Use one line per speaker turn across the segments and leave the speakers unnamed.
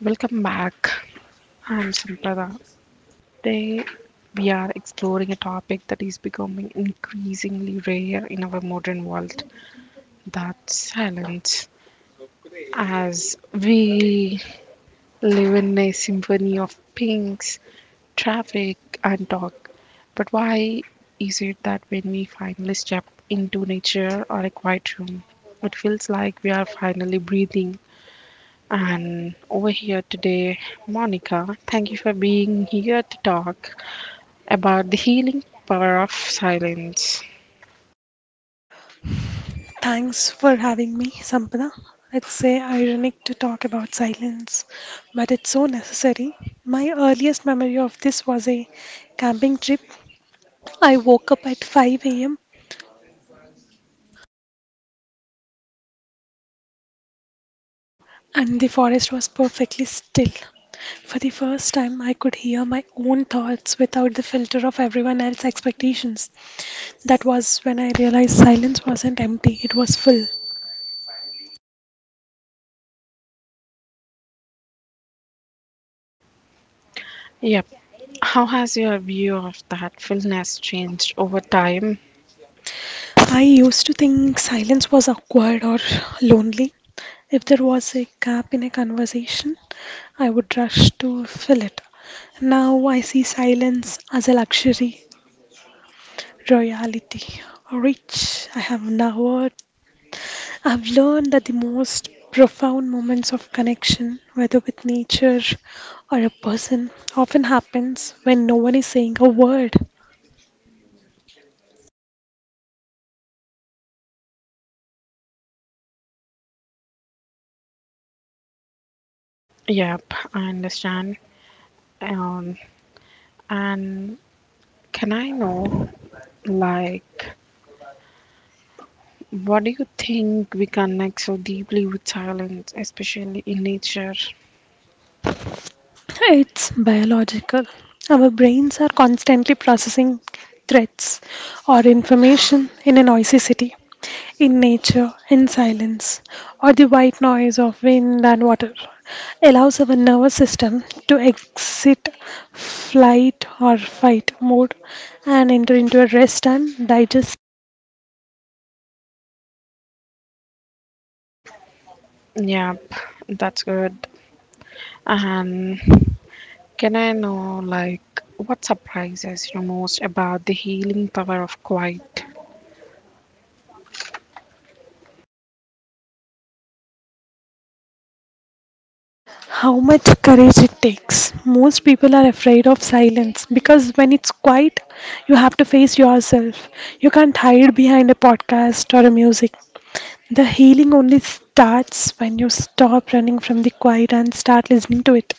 Welcome back. I'm Sampada. Today we are exploring a topic that is becoming increasingly rare in our modern world, that's silence. As we live in a symphony of pings, traffic, and talk. But why is it that when we finally step into nature or a quiet room, it feels like we are finally breathing? And over here today, Monica, thank you for being here to talk about the healing power of silence.
Thanks for having me, Sampana. It's say ironic to talk about silence, but it's so necessary. My earliest memory of this was a camping trip. I woke up at 5 a.m. and the forest was perfectly still. For the first time, I could hear my own thoughts without the filter of everyone else's expectations. That was when I realized silence wasn't empty, it was full.
Yep. How has your view of that fullness changed over time?
I used to think silence was awkward or lonely. If there was a gap in a conversation, I would rush to fill it. Now I see silence as a luxury, royalty, rich. I have devoured. I have learned that the most profound moments of connection, whether with nature or a person, often happens when no one is saying a word.
Yep, I understand. Um, and can I know, like, what do you think we connect so deeply with silence, especially in nature?
It's biological. Our brains are constantly processing threats or information in a noisy city, in nature, in silence, or the white noise of wind and water allows our nervous system to exit flight or fight mode and enter into a rest and digest
Yep, that's good. And can I know, like, what surprises you most about the healing power of quiet?
how much courage it takes. Most people are afraid of silence because when it's quiet, you have to face yourself. You can't hide behind a podcast or a music. The healing only starts when you stop running from the quiet and start listening to it.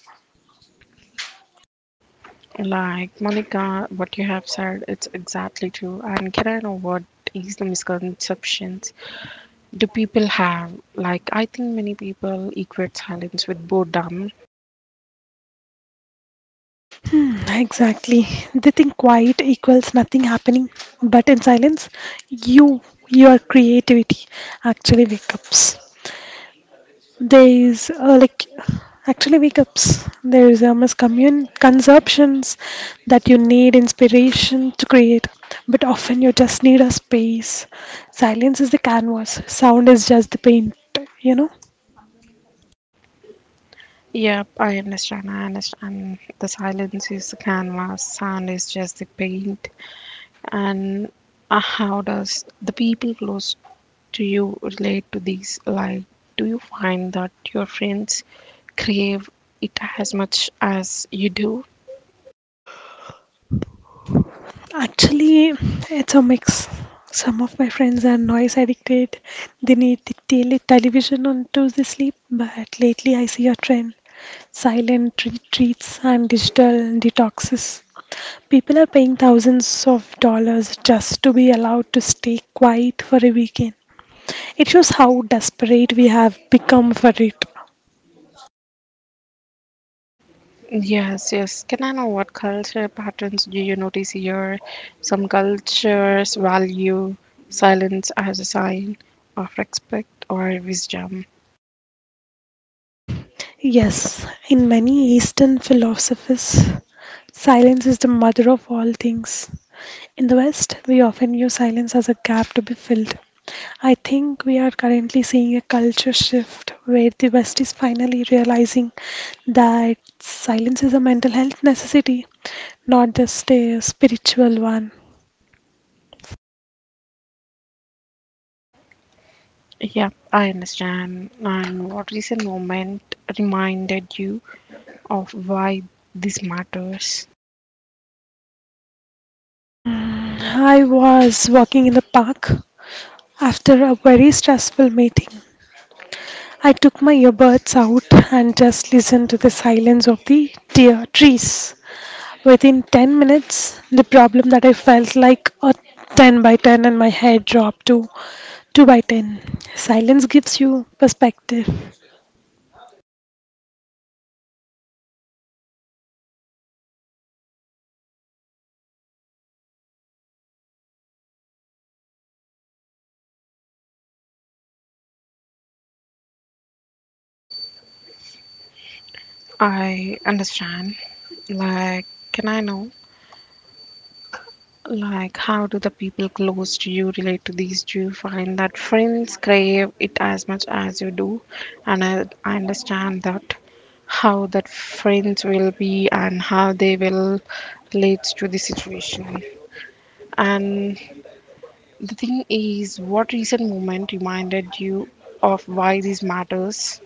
Like, Monica, what you have said, it's exactly true. And can I know what is the misconceptions do people have? Like, I think many people equate silence with boredom.
Hmm, exactly. They think quiet equals nothing happening, but in silence, you, your creativity actually wake ups. There is uh, like There is a misconceptions that you need inspiration to create, but often you just need a space. Silence is the canvas. Sound is just the paint. You know.
Yep, I understand. I understand. The silence is the canvas, sound is just the paint. And how does the people close to you relate to these? Like, do you find that your friends crave it as much as you do?
Actually, it's a mix. Some of my friends are noise addicted. They need the television on to the sleep. But lately, I see a trend: silent retreats and digital detoxes. People are paying thousands of dollars just to be allowed to stay quiet for a weekend. It shows how desperate we have become for it.
Yes, yes. Can I know what culture patterns do you notice here? Some cultures value silence as a sign of respect or wisdom.
Yes, in many Eastern philosophies, silence is the mother of all things. In the West, we often use silence as a gap to be filled. I think we are currently seeing a culture shift where the West is finally realizing that silence is a mental health necessity, not just a spiritual one.
Yeah, I understand. And what recent moment reminded you of why this matters?
I was walking in the park after a very stressful meeting. I took my earbuds out and just listened to the silence of the deer trees. Within 10 minutes, the problem that I felt like a 10 by 10 and my head dropped to 2 by 10. Silence gives you perspective.
I understand. Like, can I know? Like, how do the people close to you relate to these? Do you find that friends crave it as much as you do? And I understand that how that friends will be and how they will relate to the situation. And the thing is, what recent moment reminded you of why this matters?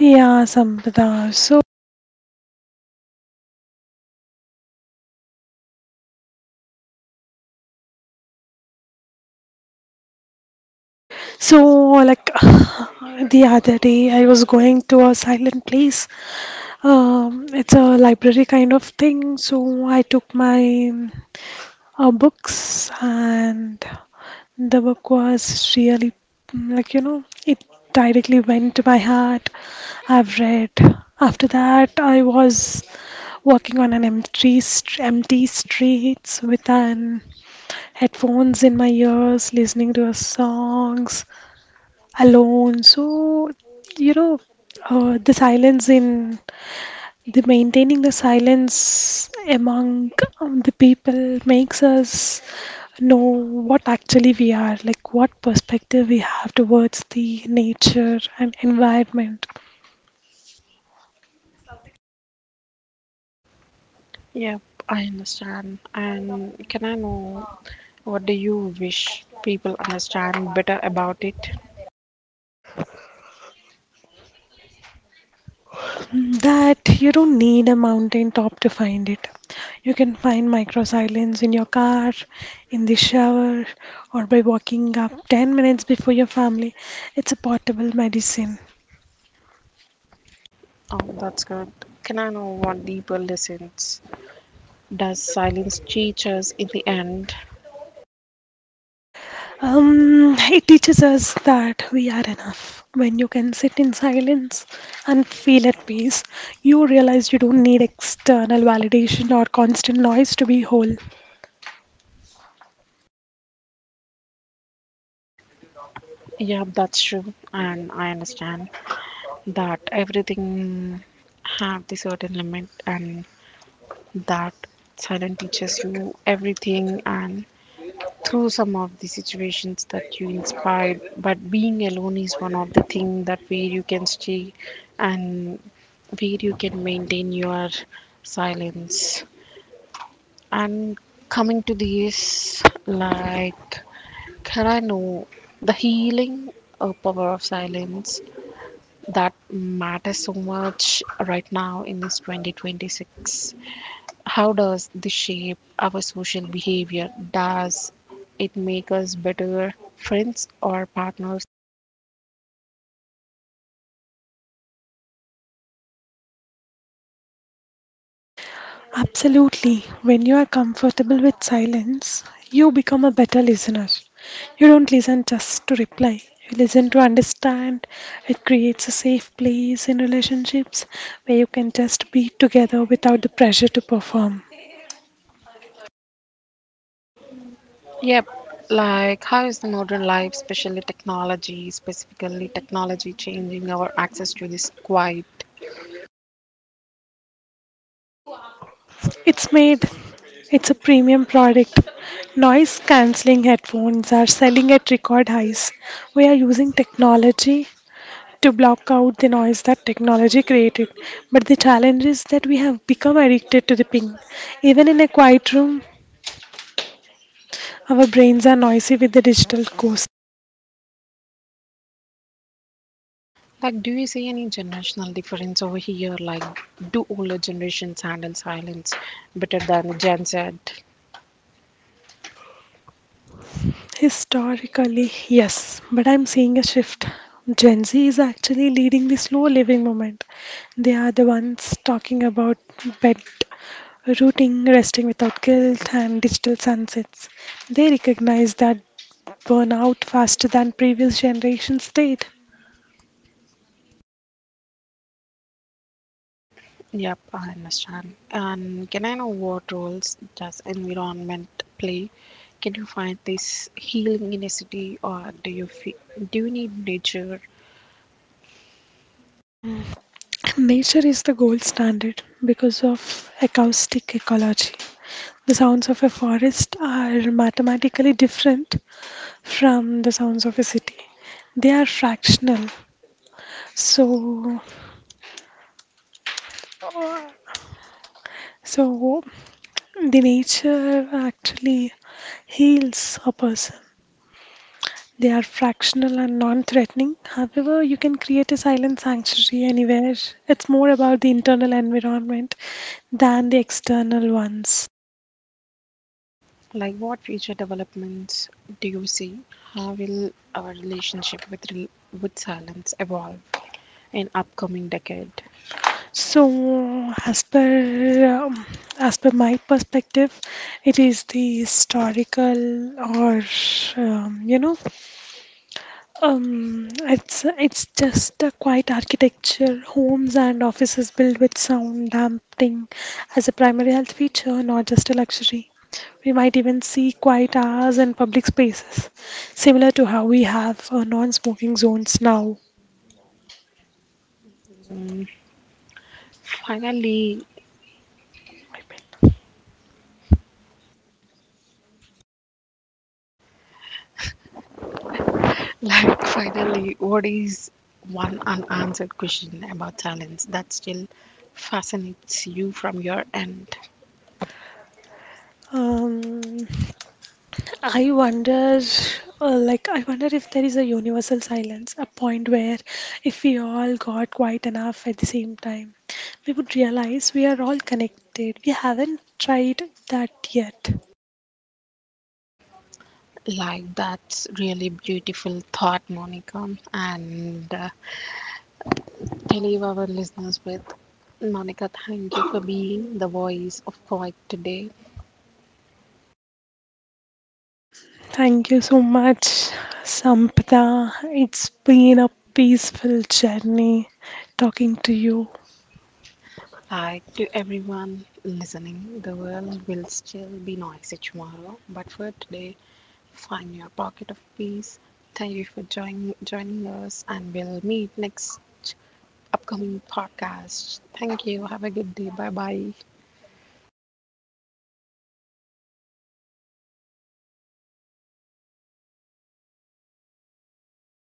Yeah, Sampradha. So like the other day, I was going to a silent place. It's a library kind of thing, so I took my books, and the book was really it directly went to my heart. I've read. After that, I was walking on an empty streets with an headphones in my ears, listening to her songs alone. So, you know, the silence in the maintaining the silence among the people makes us know what actually we are, like what perspective we have towards the nature and environment.
Yep, I understand. And can I know what do you wish people understand better about it?
That you don't need a mountain top to find it. You can find micro silence in your car, in the shower, or by walking up 10 minutes before your family. It's a portable medicine.
Oh, that's good. Can I know what deeper lessons does silence teach us in the end?
It teaches us that we are enough. When you can sit in silence and feel at peace, you realize you don't need external validation or constant noise to be whole.
Yeah, that's true, and I understand that everything have the certain limit, and that silence teaches you everything, and through some of the situations that you inspired but being alone is one of the things that where you can stay and where you can maintain your silence and coming to this like can I know the healing power of silence that matters so much right now in this 2026. How does this shape our social behavior? Does it make us better friends or partners?
Absolutely. When you are comfortable with silence, you become a better listener. You don't listen just to reply, you listen to understand. It creates a safe place in relationships where you can just be together without the pressure to perform.
Yep. Like, how is the modern life, especially technology, specifically technology, changing our access to this quiet?
It's made. It's a premium product. Noise cancelling headphones are selling at record highs. We are using technology to block out the noise that technology created. But the challenge is that we have become addicted to the ping. Even in a quiet room, our brains are noisy with the digital ghost.
Like, do you see any generational difference over here? Like, do older generations handle silence better than Gen Z?
Historically, yes, but I'm seeing a shift. Gen Z is actually leading the slow living movement. They are the ones talking about bed rooting, resting without guilt, and digital sunsets. They recognize that burn out faster than previous generations did.
Yep, I understand. And can I know what roles does environment play? Can you find this healing in a city, or do you need nature?
Nature is the gold standard because of acoustic ecology. The sounds of a forest are mathematically different from the sounds of a city. They are fractional. So, so, the nature actually heals a person. They are fractional and non threatening. However, you can create a silent sanctuary anywhere. It's more about the internal environment than the external ones.
Like, what future developments do you see? How will our relationship with silence evolve in upcoming decade?
So, as per, um, as per my perspective, it is the historical or um, you know it's just a quiet architecture homes and offices built with sound damping as a primary health feature, not just a luxury. We might even see quiet hours in public spaces, similar to how we have non smoking zones now.
Finally, like finally, what is one unanswered question about silence that still fascinates you from your end?
Um, I wonder, I wonder if there is a universal silence, a point where if we all got quiet enough at the same time, we would realize we are all connected. We haven't tried that yet.
Like that's really beautiful thought, Monica. And I leave our listeners with Monica. Thank you for being the voice of quiet today.
Thank you so much, Sampda. It's been a peaceful journey talking to you.
Like to everyone listening, the world will still be noisy tomorrow, but for today, find your pocket of peace. Thank you for joining us, and we'll meet next upcoming podcast. Thank you. Have a good day. Bye bye.